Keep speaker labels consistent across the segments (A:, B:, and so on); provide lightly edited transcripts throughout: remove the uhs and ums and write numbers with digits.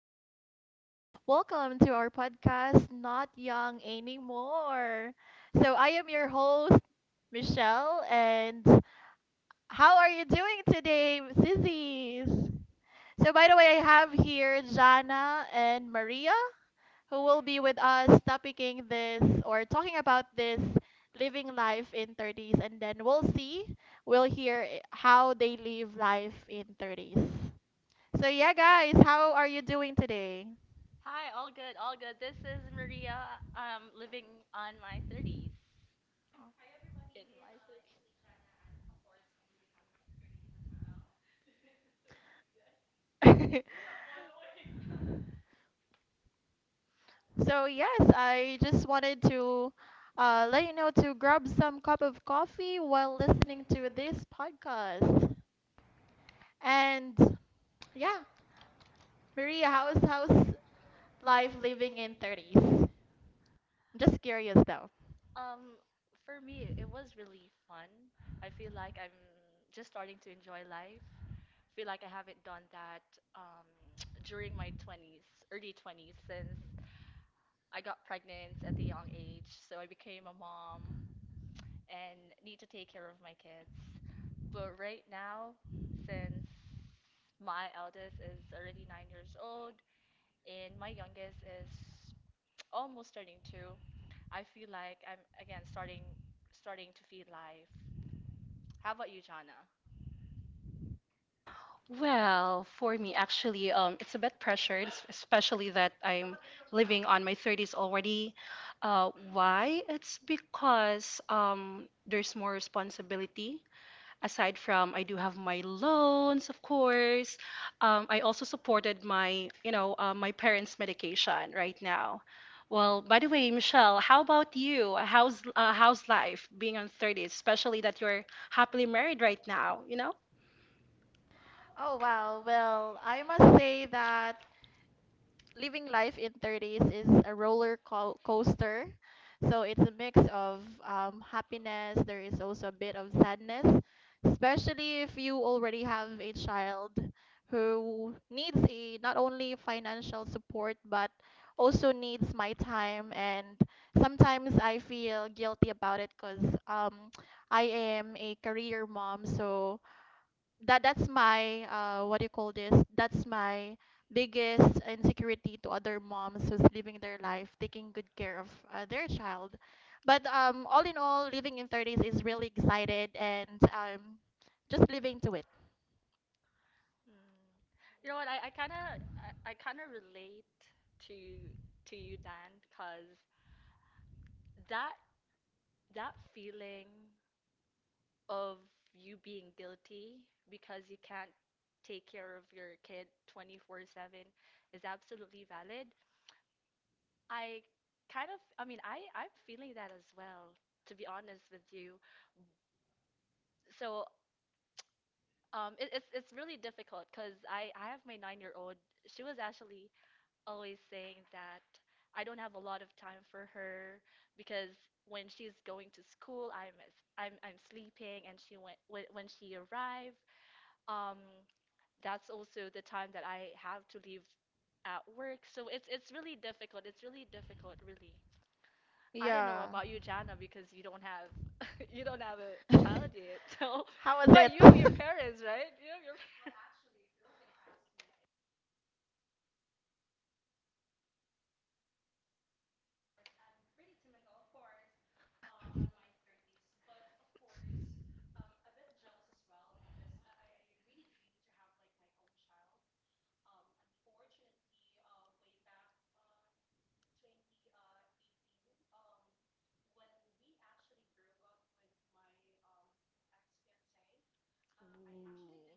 A: CZ. Welcome to our podcast, Not Young Anymore. So, I am your host, Michelle, and how are you doing today, CZs? So, by the way, I have here Jana and Maria, who will be with us topicing this or talking about this living life in 30s, and then we'll hear how they live life in 30s. So yeah, guys, how are you doing today?
B: Hi, all good, all good. This is Maria. I'm living on my 30s. In my 30s.
A: So yes, I just wanted to let you know to grab some cup of coffee while listening to this podcast. And yeah, Maria, how's life living in 30s? I'm just curious though.
B: Um, for me, it was really fun. I feel like I'm just starting to enjoy life. Feel like I haven't done that um, during my 20s, early 20s, since I got pregnant at the young age. So I became a mom and need to take care of my kids. But right now, since my eldest is already 9 years old and my youngest is almost turning two, I feel like I'm again starting to feed life. How about you, Jana?
C: Well, for me, actually, it's a bit pressured, especially that I'm living on my 30s already. Why? It's because there's more responsibility. Aside from, I do have my loans, of course. I also supported my, my parents' medication right now. Well, by the way, Michelle, how about you? How's how's life being on 30s, especially that you're happily married right now, you know?
A: Oh wow, well, I must say that living life in 30s is a coaster. So it's a mix of happiness, there is also a bit of sadness, especially if you already have a child who needs a not only financial support but also needs my time, and sometimes I feel guilty about it because I am a career mom, so that that's my what do you call this? That's my biggest insecurity to other moms who's living their life, taking good care of their child. But all in all, living in 30s is really excited and, um, just living to it.
B: Mm. You know what? I kind of relate to to you, Dan, because that that feeling of you being guilty because you can't take care of your kid 24/7 is absolutely valid. I kind of, I mean, I'm feeling that as well, to be honest with you. So, it's really difficult because I have my 9-year-old. She was actually always saying that I don't have a lot of time for her because when she's going to school, I'm sleeping, and she went when she arrived, um, that's also the time that I have to leave at work. So it's really difficult. It's really difficult, really. I don't know
A: Yeah.
B: about you, Jana, because you don't have you don't have a child yet. So,
A: How was
B: but you have your
A: it?
B: parents, right? You have your Ooh.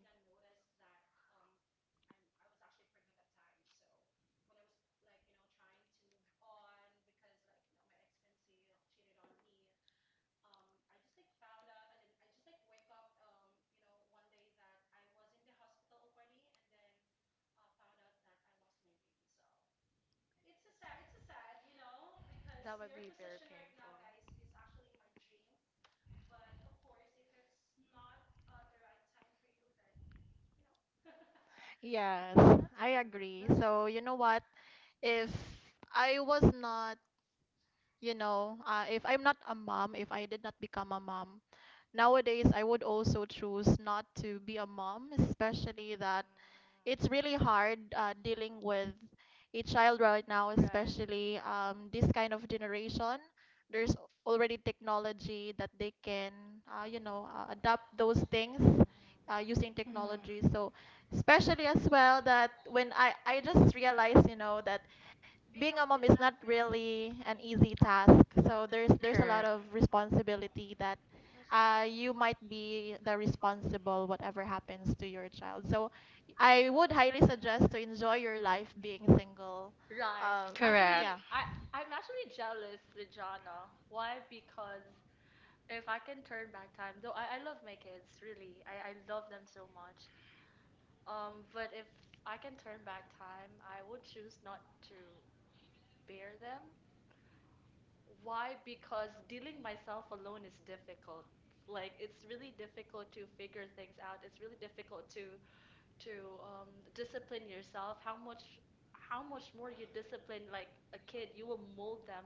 B: That would be very painful.
A: Yes,
B: That's
A: I
B: true.
A: agree.
B: That's true.
A: So, you know what? If I was not, you know, if I'm not a mom, if I did not become a mom, nowadays I would also choose not to be a mom, especially that it's really hard dealing with a child right now,
B: Right.
A: especially, this kind of generation. There's already technology that they can, you know, adapt those things
B: Mm-mm.
A: using technology.
C: Mhm.
A: So, especially as well that when I just realized, you know, that being a mom is not really an easy task. So there's a lot
C: Correct.
A: of responsibility that
B: For sure.
A: you might be the responsible whatever happens to your child. So I would highly suggest to enjoy your life being single.
B: Right.
A: Um,
C: Correct.
B: Actually,
A: yeah.
B: I'm actually jealous with Jana. Why? Because if I can turn back time, though I love my kids, really. I love them so much. But if I can turn back time, I would choose not to bear them. Why? Because dealing myself alone is difficult. Like it's really difficult to figure things out. It's really difficult to to um, discipline yourself. how much more you discipline like a kid, you will mold them.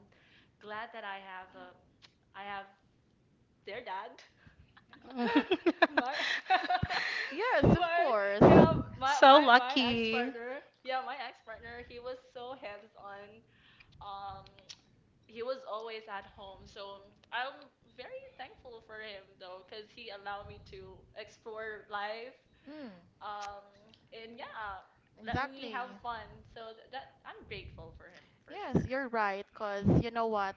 B: Glad that I have their dad. My
A: Yes, of
B: my
A: course.
B: yeah my
C: So
B: my my ex
C: lucky.
B: partner he was so hands on um he was always at home. So I'm very thankful for him though, because he allowed me to explore life.
A: Mm,
B: Um, and yeah, let me
A: exactly.
B: have fun. So th that I'm grateful for him for
A: Yes,
B: sure.
A: you're right. Cause you know what?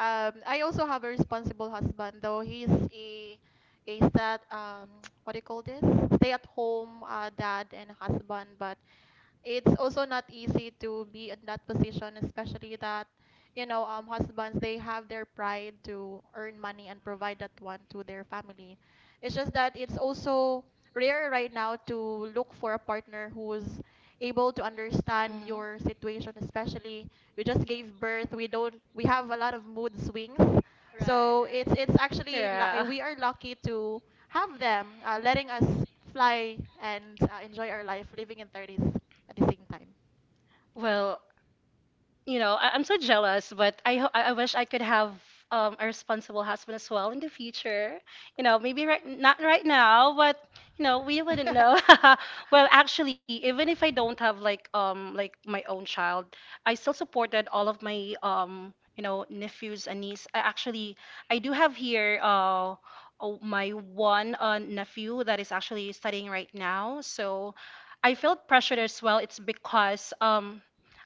A: I also have a responsible husband, though he's a stat what do you call this? Stay at home dad and husband, but it's also not easy to be in that position, especially that, you know, husbands, they have their pride to earn money and provide that
B: Mhm.
A: one to their family. It's just that it's also rare right now to look for a partner who's able to understand
C: Mhm.
A: your situation, especially we just gave birth, we don't, we have a lot of mood swings.
B: Right,
A: So it's
B: right.
A: it's actually
C: Yeah.
A: we are lucky to have them letting us fly and enjoy our life living in 30s at the same time.
C: Well, you know, I'm so jealous, but I wish I could have a responsible husband as well in the future. You know, maybe not right now, but you know, we wouldn't know. Well, actually, even if I don't have like my own child, I still supported all of my you know nephews and niece. I actually I do have here Oh, my one nephew that is actually studying right now, so I felt pressured as well. It's because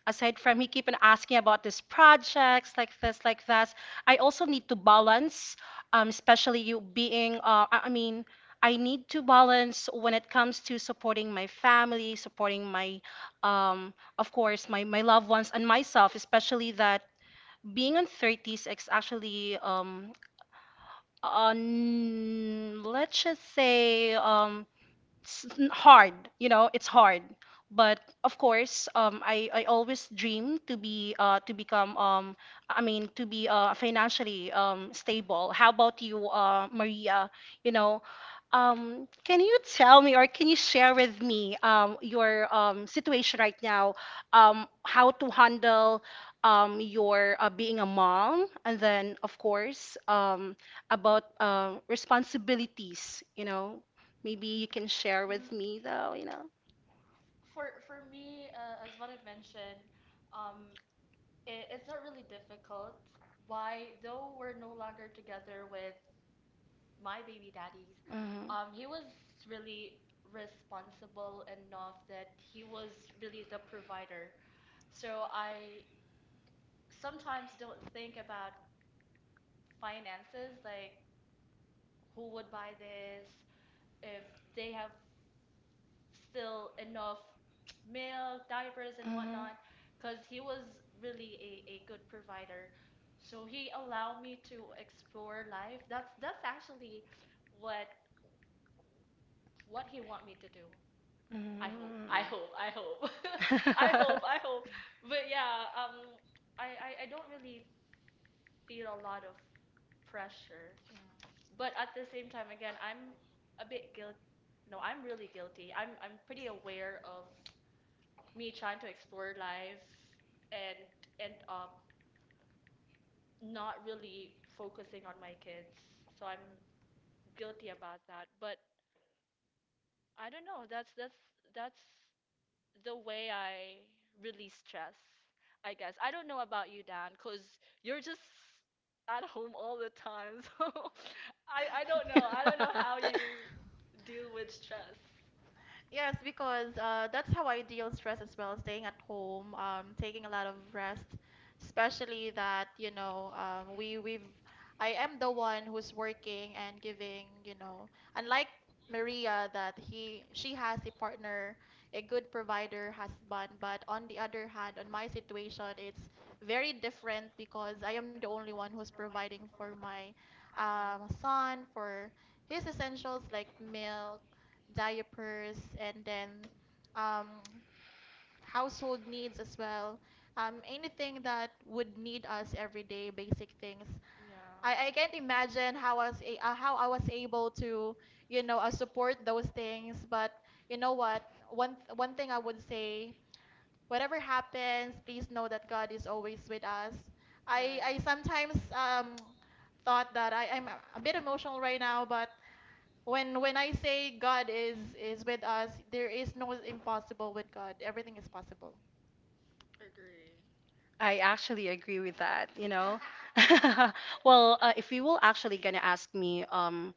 C: aside from he keep on asking about these projects like this like that, I also need to balance especially you being I mean I need to balance when it comes to supporting my family, supporting my of course my, my loved ones and myself, especially that being on 30s is actually on let's just say hard, you know, it's hard, but of course, I always dream to be to become um, to be financially stable. How about you, Maria, you know, can you tell me or can you share with me your situation right now, how to handle your being a mom, and then of course about responsibilities, you know? Maybe you can share
B: Mm.
C: with me though, you know.
B: For me, as what I've mentioned, um, it's not really difficult. Why, though we're no longer together with my baby daddies,
C: Mhm.
B: he was really responsible enough that he was really the provider. So I sometimes don't think about finances, like who would buy this, if they have still enough milk, diapers, and
C: Mhm.
B: whatnot, because he was really a good provider. So he allowed me to explore life. That's actually what what he want me to do. I hope.
C: Mhm.
B: I hope. I hope. I hope. I hope. But yeah, I don't really feel a lot of pressure. But at the same time, again, I'm a bit guilt. No, I'm really guilty. I'm pretty aware of me trying to explore life and end up not really focusing on my kids. So I'm guilty about that. But I don't know. That's the way I release stress, I guess. I don't know about you, Dan, because you're just at home all the time. So I don't know. I don't know how you deal with stress.
A: Yes, because that's how I deal stress as well, staying at home, taking a lot of rest, especially that, you know, we we've I am the one who's working and giving, you know, unlike Maria that he she has a partner, a good provider, husband, but on the other hand, on my situation, it's very different because I am the only one who's providing for my,
B: Mm.
A: son for his essentials like milk, diapers, and then, um, household needs as well. Anything that would need us every day, basic things. I
B: Yeah.
A: can't imagine how I was how I was able to, you know, support those things. But you know what? One thing I would say, whatever happens, please know that God is always with us. I
B: Right.
A: sometimes thought that I'm a bit emotional right now, but when I say God is with us, there is no impossible with God. Everything is possible.
B: Agree.
C: I actually agree with that, you know. Well, if you will actually gonna ask me,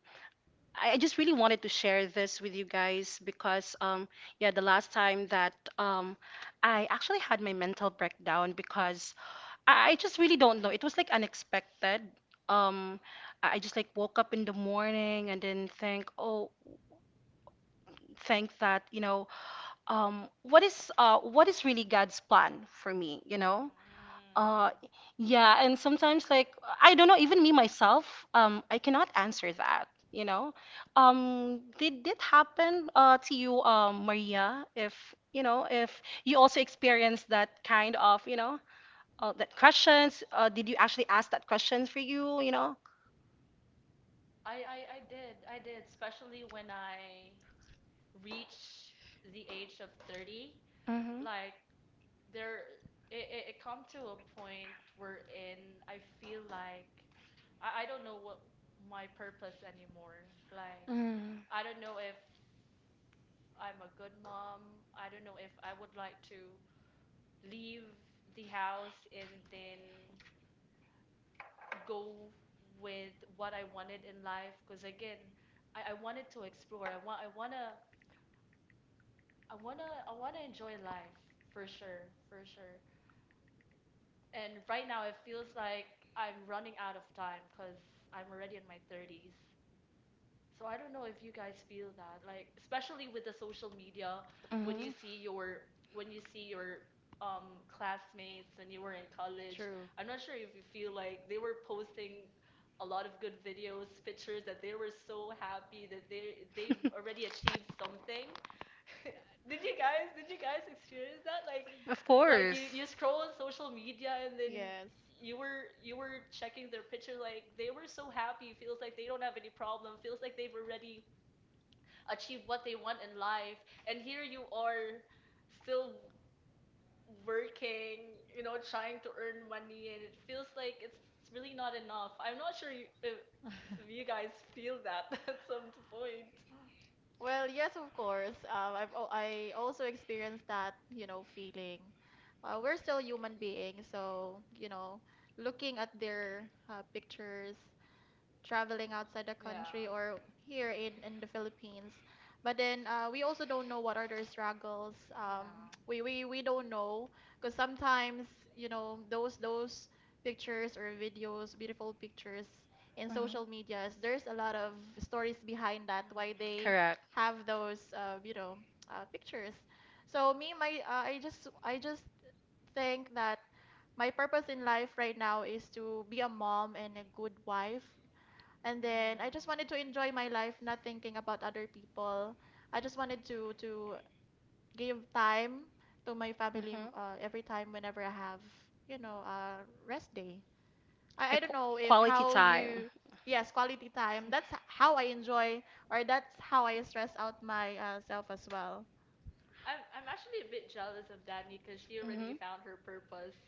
C: I just really wanted to share this with you guys because, yeah, the last time that um, I actually had my mental breakdown because I just really don't know. It was like unexpected. Um, I just like woke up in the morning and then think, oh, thank that, you know, what is really God's plan for me, you
B: Mm.
C: know? Uh, yeah, and sometimes like I don't know, even me myself, I cannot answer that, you know? Did did happen to you, Maria, if you know, if you also experienced that kind of, you know? Uh, that questions, did you actually ask that question for you, you know?
B: I did. I did, especially when I reach the age of 30.
C: Mm-hmm.
B: Like there it come to a point where in I feel like I don't know what my purpose anymore. Like
C: Mm-hmm.
B: I don't know if I'm a good mom. I don't know if I would like to leave the house and then go with what I wanted in life because again, I wanted to explore. I want I wanna I wanna I wanna enjoy life for sure, for sure. And right now it feels like I'm running out of time because I'm already in my 30s. So I don't know if you guys feel that, like especially with the social media, when you see your when you see your classmates when you were in college,
A: True.
B: I'm not sure if you feel like they were posting a lot of good videos, pictures that they were so happy that they've already achieved something. Did you guys experience that? Like
C: Of
B: like
C: course.
B: you
C: Mhm.
B: scroll on social media and then
A: Yes.
B: you were checking their picture like they were so happy, feels like they don't have any problem, feels like they've already achieved what they want in life. And here you are still working, trying to earn money and it feels like it's really not enough. I'm not sure you, if you guys feel that at some point.
A: Well, yes, of course. I also experienced that, you know, feeling. We're still human beings, so you know, looking at their pictures, traveling outside the country or here in the Philippines. But then we also don't know what are their struggles. We don't know because sometimes, you know, those pictures or videos, beautiful pictures in social medias, there's a lot of stories behind that why they
C: Correct.
A: have those, you know, pictures. So me, my I just think that my purpose in life right now is to be a mom and a good wife, and then I just wanted to enjoy my life, not thinking about other people. I just wanted to give time to my family every time whenever I have, you know, a rest day. I don't know
C: Mm-hmm.
A: if
C: Quality
A: how
C: time.
A: you, yes, quality time. How I enjoy, or that's how I stress out my, self as well.
B: I'm actually a bit jealous of Danny because she already
C: Mhm.
B: found her purpose.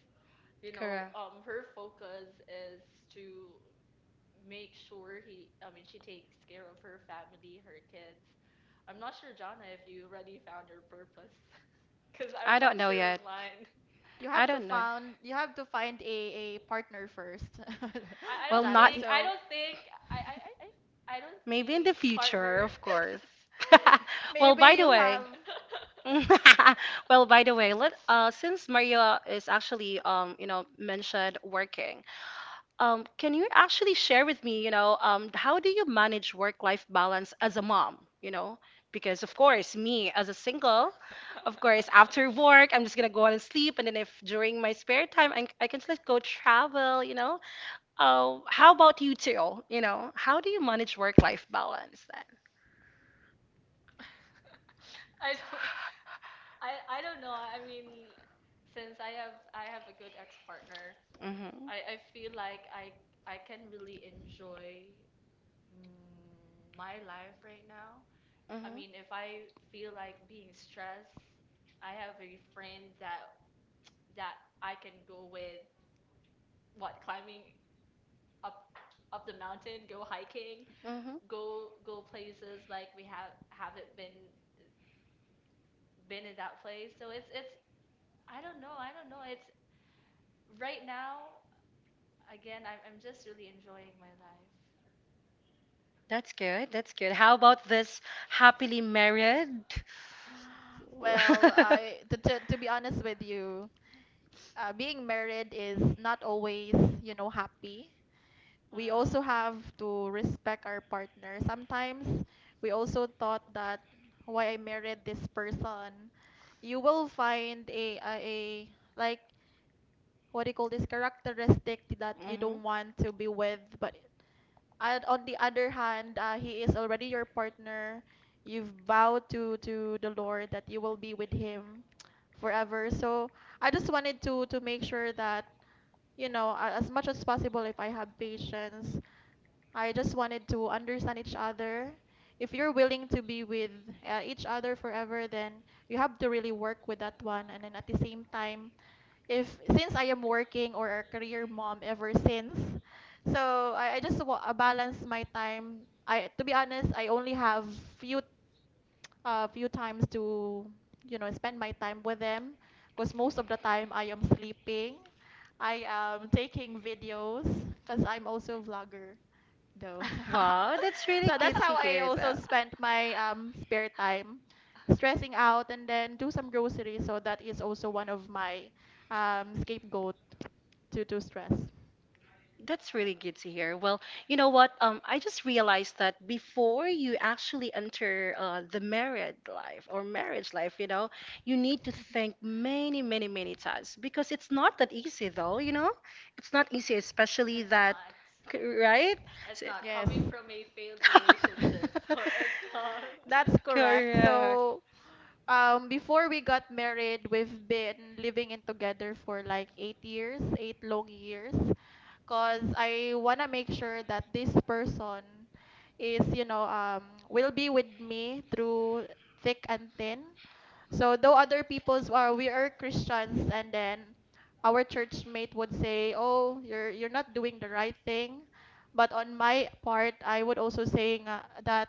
B: you know,
C: Correct.
B: um, her focus is to make sure he, I mean, she takes care of her family, her kids. I'm not sure, Jana, if you already found your purpose, because
C: I
B: I'm
C: don't
B: not
C: know
B: sure of
C: yet.
B: mine.
A: You
C: I
A: have to
C: don't know.
A: found you have to find a partner first,
B: I
C: Well,
B: don't
C: not
A: Jana.
B: think, I
A: So
B: don't think, I don't
C: maybe in the
B: think
C: future,
B: partner.
C: of course. Well, by
A: maybe
C: the
A: you
C: way,
A: have,
C: well, by the way, let since Maria is actually you know, mentioned working. Can you actually share with me, you know, how do you manage work-life balance as a mom? You know, because of course, me as a single, of course, after work, I'm just gonna go out and sleep, and then if during my spare time, I can just go travel. You know, how about you two? You know, how do you manage work-life balance then?
B: I don't, I don't know. I mean, since I have a good ex-partner,
C: Mm-hmm.
B: I feel like I can really enjoy my life right now. I
C: Mm-hmm.
B: mean, if I feel like being stressed, I have a friend that I can go with. What, climbing up up the mountain, go hiking,
C: Mm-hmm.
B: go places like we have haven't been in that place. So it's I don't know, I don't know. It's right now again. I'm just really enjoying my life.
C: That's good. That's good. How about this happily married?
A: I, to be honest with you, being married is not always, you know, happy. We also
B: Well,
A: have to respect our partner. Sometimes we also thought that why I married this person. You will find a like what do you call this characteristic that you
C: Hmm.
A: don't want to be with, but and on the other hand, he is already your partner. You've vowed to the Lord that you will be with him forever. So I just wanted to make sure that you know, as much as possible if I have patience. I just wanted to understand each other. If you're willing to be with each other forever, then you have to really work with that one. And then at the same time, if since I am working or a career mom ever since, so I balance my time. I, to be honest, I only have few a few times to, you know, spend my time with them because most of the time I am sleeping. I am taking videos because I'm also a vlogger though.
C: Wow, that's really
A: So
C: good
A: that's
C: to
A: how I
C: hear
A: also
C: that.
A: spent my, spare time, stressing out, and then do some groceries. So that is also one of my, scapegoat to stress.
C: That's really good to hear. Well, you know what? I just realized that before you actually enter the married life or marriage life, you know, you need to think many, many, many times because it's not that easy, though, you know? It's not easy, especially
B: it's
C: that,
B: not.
C: right?
B: It's
C: So,
B: not
A: Yes.
B: coming from a failed relationship, so it's not.
A: That's correct.
C: correct.
A: So before we got married, we've been living in together for like 8 years, eight long years, because I want to make sure that this person is, you know, will be with me through thick and thin. So though other people's are we are Christians, and then our church mate would say, "Oh, you're not doing the right thing." But on my part, I would also saying that,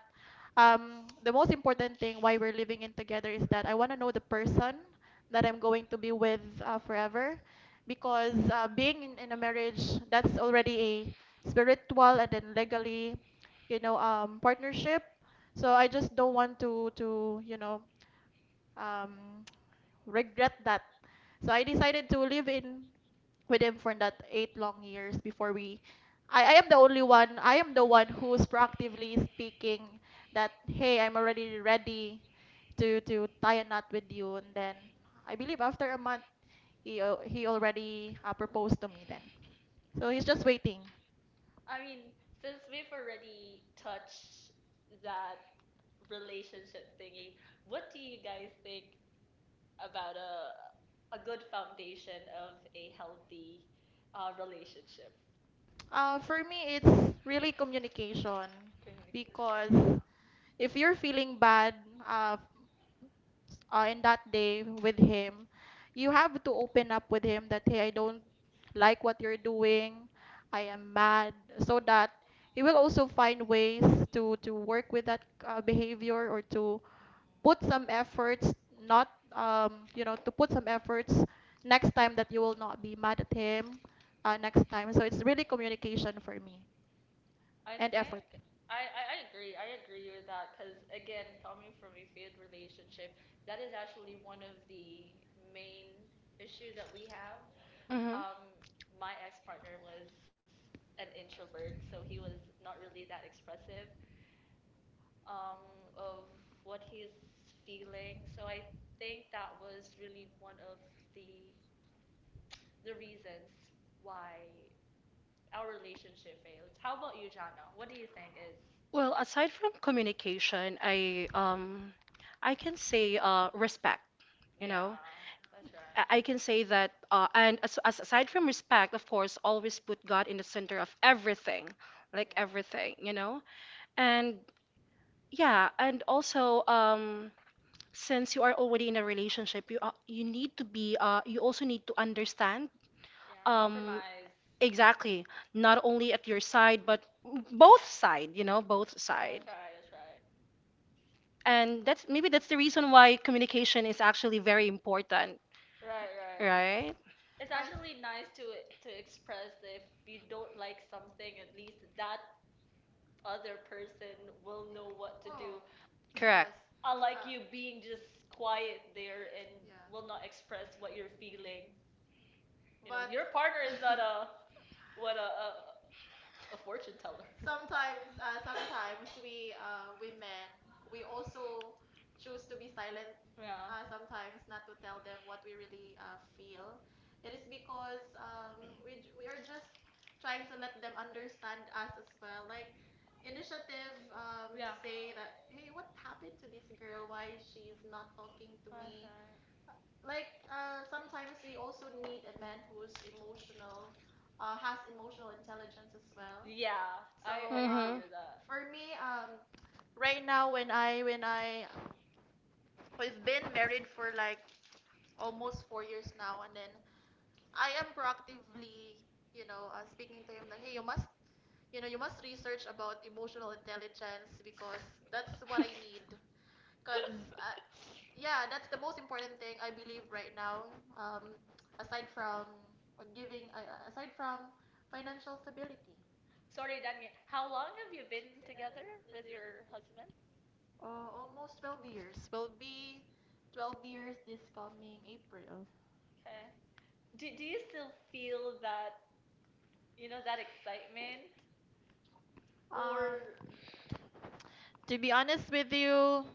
A: the most important thing why we're living in together is that I want to know the person that I'm going to be with forever, because being in a marriage that's already a spiritual and then legally, you know, partnership. So I just don't want to you know, um regret that. So I decided to live in with him for that eight long years before we I am the only one I am the one who's proactively speaking that, hey, I'm already ready to tie a knot with you, and then I believe after a month he already proposed to me, then so he's just waiting.
B: I mean, since we've already touched that relationship thingy, what do you guys think about a good foundation of a healthy relationship?
A: For me it's really communication,
B: Communication,
A: because
B: yeah.
A: if you're feeling bad, uh, in that day with him, you have to open up with him that, hey, I don't like what you're doing. I am mad. So that he will also find ways to work with that behavior, or to put some efforts, not, you know, to put some efforts next time that you will not be mad at him next time. So it's really communication for me,
B: I
A: and effort.
B: think I agree. I agree with that because, again, coming from a failed relationship, that is actually one of the main issue that we have.
C: Hmm.
B: Um, my ex-partner was an introvert, so he was not really that expressive of what he's feeling. So I think that was really one of the the reasons why our relationship failed. How about you, Jana? What do you think is?
C: Well, aside from communication, I can say respect. You know,
B: Yeah, that's right.
C: I can say that, and as aside from respect, of course, always put God in the center of everything,
B: Like.
C: like
B: Yeah.
C: everything, you know. And yeah, and also, since you are already in a relationship, you need to be, you also need to understand.
B: Yeah,
C: Um,
B: compromise.
C: exactly. Not only at your side, but both side, you know, both side.
B: That's right, that's right.
C: And that's maybe that's the reason why communication is actually very important,
B: Right, right.
C: right?
B: It's
A: Yes. Cause
B: actually nice to express if you don't like something, at least that other person will know what to do.
A: oh
C: Correct.
A: yes.
B: I like you
A: Uh,
B: being just quiet there and
A: yeah.
B: will not express what you're feeling. You know,
A: But
B: your partner is not a what a fortune teller.
A: sometimes, we women, we also choose to be silent
B: Yeah.
A: sometimes, not to tell them what we really feel. It is because, we are just trying to let them understand us as well, like initiative, to
B: Yeah.
A: say that hey, what happened to this girl, why she's not talking to
B: That's
A: me,
B: right.
A: like, sometimes we also need a man who's emotional, has emotional intelligence as well.
B: Yeah, I,
A: So,
B: I
C: Mm-hmm.
B: agree with that.
A: for me, right now, when I we've been married for like almost 4 years now, and then I am proactively, you know, speaking to him that hey, you must, you know, you must research about emotional intelligence because that's what I need. Because yeah, that's the most important thing I believe right now. Um, aside from, aside from financial stability,
B: Sorry, Danny. How long have you been together with your husband?
A: almost 12 years. Will be 12 years this coming April.
B: Okay. Do you still feel that you know that excitement or
A: Um, to be honest with you,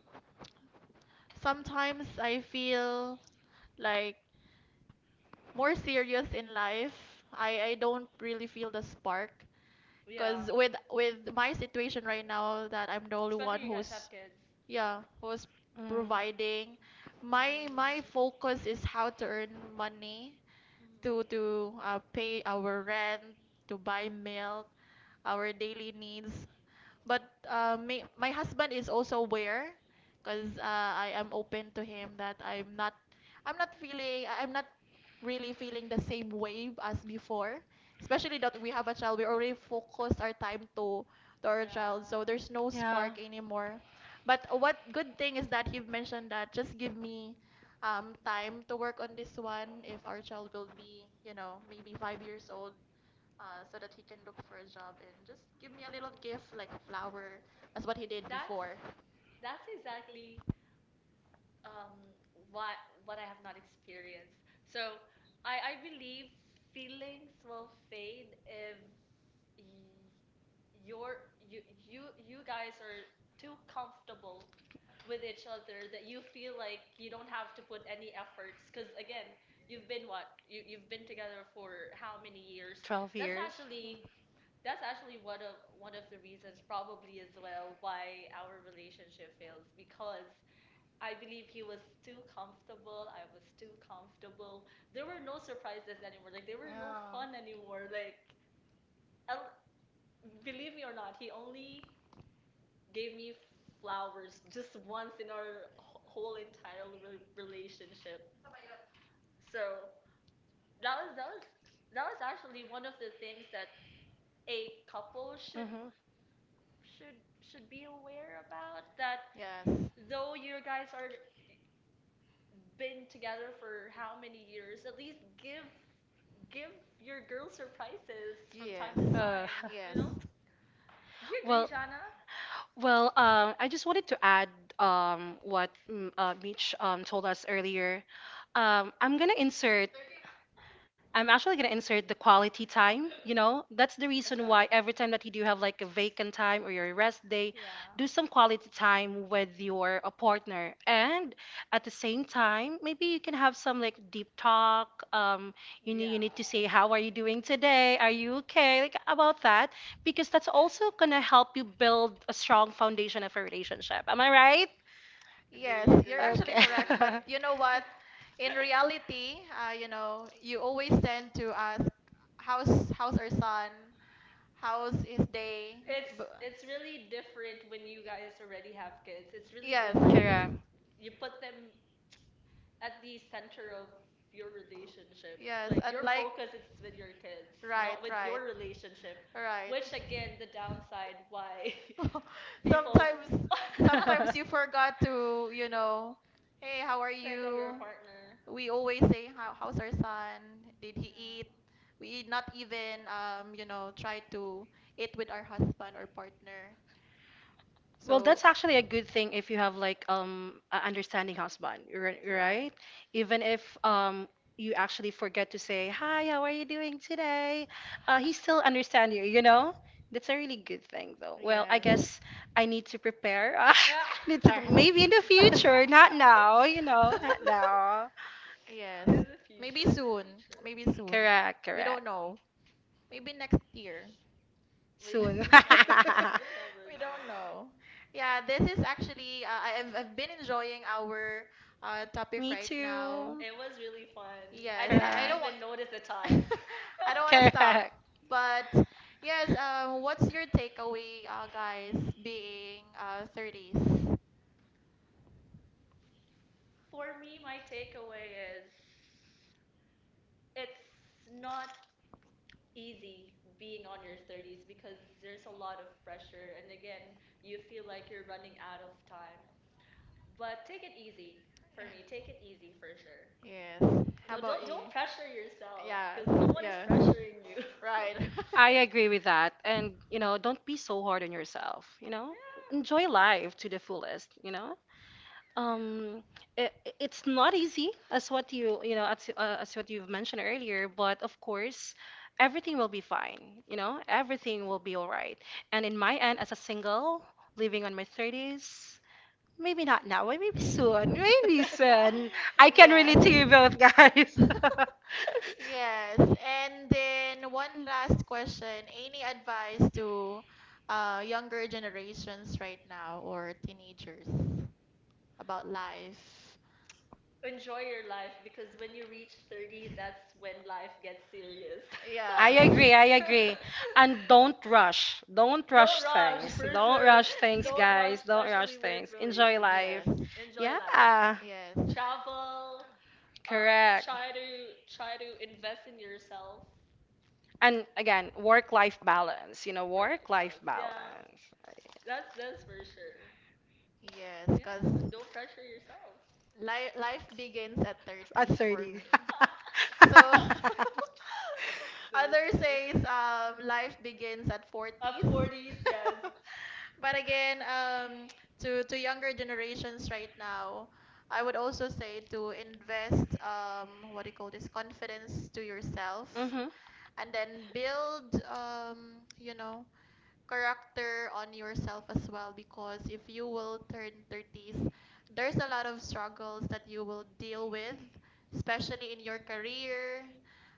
A: sometimes I feel like more serious in life. I don't really feel the spark
B: yeah,
A: because with my situation right now that I'm the only
B: especially
A: one
B: you guys have
A: who's,
B: kids.
A: yeah, was
C: Mm.
A: providing.
B: Mm.
A: My
B: Mm-mm.
A: focus is how to earn money to pay our rent, to buy milk, our daily needs. But my husband is also aware, cause I am open to him that I'm not really feeling the same wave as before. Especially that we have a child, we already focus our time to our child, so
B: Yeah,
A: there's no
C: Yeah.
A: spark anymore. But what good thing is that you've mentioned that just give me time to work on this one if our child will be, maybe 5 years old. So that he can look for a job and just give me a little gift like a flower as what he did
B: that's
A: before.
B: that's exactly um what what I have not experienced. So I believe feelings will fade if you're you you you guys are too comfortable with each other that you feel like you don't have to put any efforts because again you've been what you, you've been together for how many years.
C: 12
B: that's
C: years.
B: actually that's actually one of the reasons probably as well why our relationship fails, because I believe he was too comfortable, I was too comfortable, there were no surprises anymore, like there were no
A: Oh,
B: fun anymore, like, I'll- believe me or not, he only gave me flowers just once in our whole entire relationship. So that was that was that was actually one of the things that a couple should
C: Hmm.
B: should should be aware about, that
A: yes.
B: though you guys are been together for how many years, at least give your girl surprises from time
A: Yes.
B: to
C: Uh,
B: time you
A: Yes.
B: know Do you agree,
C: well,
B: Jana?
C: well, I just wanted to add Mitch told us earlier. I'm gonna insert. I'm actually gonna insert the quality time. You know, that's the
B: That's
C: reason
B: right.
C: why every time that you do have like a vacant time or your rest day,
B: Yeah.
C: do some quality time with your partner. And at the same time, maybe you can have some like deep talk.
B: Yeah.
C: You need to say how are you doing today? Are you okay? Like about that, because that's also gonna help you build a strong foundation of a relationship. Am I right?
A: Yes,
B: Agree,
A: you're
B: agree,
A: actually
B: agree,
C: Okay.
A: correct. But you know
B: agree.
A: what? In reality, you always tend to ask, how's our son? How's his day?
B: It's
A: B-
B: it's really different when you guys already have kids. It's really
A: Yes,
B: different because
C: Correct.
B: you put them at the center of your relationship.
A: yes,
B: Like
A: and
B: your
A: like
B: focus is with your kids,
A: right,
B: not with
A: right,
B: your relationship,
A: right.
B: which again, the downside why people
A: Sometimes,
B: f-
A: sometimes, you forgot to, hey, how are
B: think of your
A: you?
B: partner.
A: We always say how's our son, did he eat? We not even try to eat with our husband or partner,
C: Well,
A: so
C: that's actually a good thing if you have like a understanding husband,
A: right,
C: right? Even if you actually forget to say, "Hi, how are you doing today?" He still understand you, you know? That's a really good thing though. Well, I
A: yes,
C: guess I need to prepare.
B: Yeah.
C: Need to
A: Charles.
C: maybe in the future, not now, you know, not now.
A: Yes,
B: In the
A: maybe
B: future, in the
A: soon, maybe
B: future.
A: soon,
C: Correct,
A: we
C: correct.
A: don't know, maybe next year.
B: We
C: Soon.
B: we'll never know. We'll never
A: We don't
B: know.
A: know. Yeah, this is actually I've been enjoying our topic
C: Me
A: right now.
C: too.
B: It was really fun. I
A: Yes,
B: didn't
A: I
C: Correct.
A: don't want.
B: even notice the time.
A: I don't want to stop.
C: Correct.
A: But yes, what's your takeaway, guys, being 30s?
B: For me, my takeaway is it's not easy being on your 30s because there's a lot of pressure, and again, you feel like you're running out of time. But take it easy
A: Yeah.
B: for me. Take it easy for sure.
A: Yes.
B: You
A: How
B: know,
A: about
B: don't don't
A: you?
B: pressure yourself
A: Yes,
B: because no one is
A: yes.
B: pressuring you.
A: Right.
C: I agree with that. And, you know, don't be so hard on yourself, you
B: Yeah.
C: know? Enjoy
B: For
C: life to the fullest, you know? Um, it, it's not easy as what you know, as what you've mentioned earlier, but of course, everything will be fine, you know? Everything will be all right. And in my end, as a single, living on my 30s, maybe not now, but maybe soon, maybe
B: sure.
C: soon. I can
A: Yes.
C: relate to you both, guys.
A: Yes. And then one last question. Any advice to younger generations right now or teenagers about life?
B: Enjoy your life because when you reach 30, that's when life gets serious.
C: I
A: Yes.
C: agree, I agree. And don't rush. Don't
B: Don't
C: rush
B: rush,
C: things.
B: for
C: Don't
B: sure.
C: rush things,
A: Yeah.
B: Don't rush,
C: guys. Don't rush
B: especially with
C: things. Enjoy
B: relationship.
C: life.
A: Yes.
B: Enjoy life.
C: Yeah,
A: Yes.
B: Travel.
C: correct.
B: Try to invest in yourself.
C: And again, work life balance. You know,
B: Work-life
C: work life
B: balance. Yeah,
C: balance.
B: that's for sure.
A: Yes, because
B: Yeah, don't pressure yourself.
A: life begins at
C: At
A: 30s for
C: 30.
A: me. So others
B: Thursday.
A: says life begins at 40s.
B: 40s, yes.
A: But again, to younger generations right now, I would also say to invest, what do you call this, confidence to yourself,
C: Hmm.
A: and then build character on yourself as well, because if you will turn 30s, there's a lot of struggles that you will deal with, especially in your career.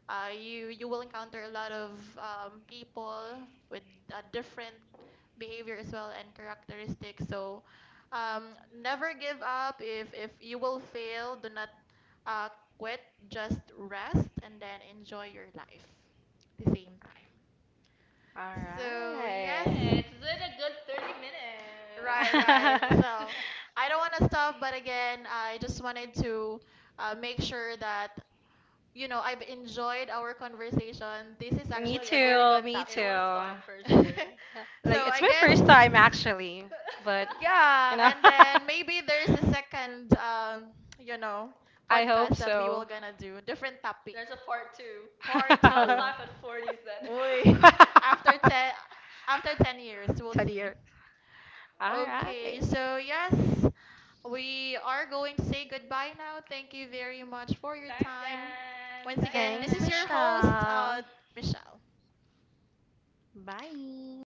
A: You will encounter a lot of people with a different behavior as well and characteristics. So, um, never give up. If you will fail, do not, uh, quit, just rest, and then enjoy your life at the same time.
C: All
A: So, yes,
C: right.
B: Alright, it's been a good 30 minutes
A: right,
B: for
A: right.
B: sure.
A: So, I don't want to stop, but again, I just wanted to make sure that, I've enjoyed our conversation. This is
B: It
C: Me
B: was
A: actually a very
B: fun.
C: too.
A: good
C: Me
B: It
A: topic.
B: was
C: too.
B: fun for sure.
A: So,
C: Like
A: I
C: it's my
A: guess.
C: first time actually, but you
A: Yeah,
C: know.
A: and then maybe there's a second, you know,
C: I hope
A: podcast that we will
C: so.
A: gonna do, different topic.
B: There's a part two.
A: Part
B: How's
A: two.
B: life at 40s then?
A: Uy, after ten, after 10 years, we'll
C: Ten
A: see.
C: years. All right.
A: Okay, so
B: Alright.
A: yes, we are going to say goodbye now. Thank you very much for your
B: Thanks,
A: time.
B: Dan.
A: Once
B: Thanks,
A: again, this
C: Thanks,
A: is your
B: Shanna.
A: host,
C: Michelle.
A: Michelle.
C: Bye.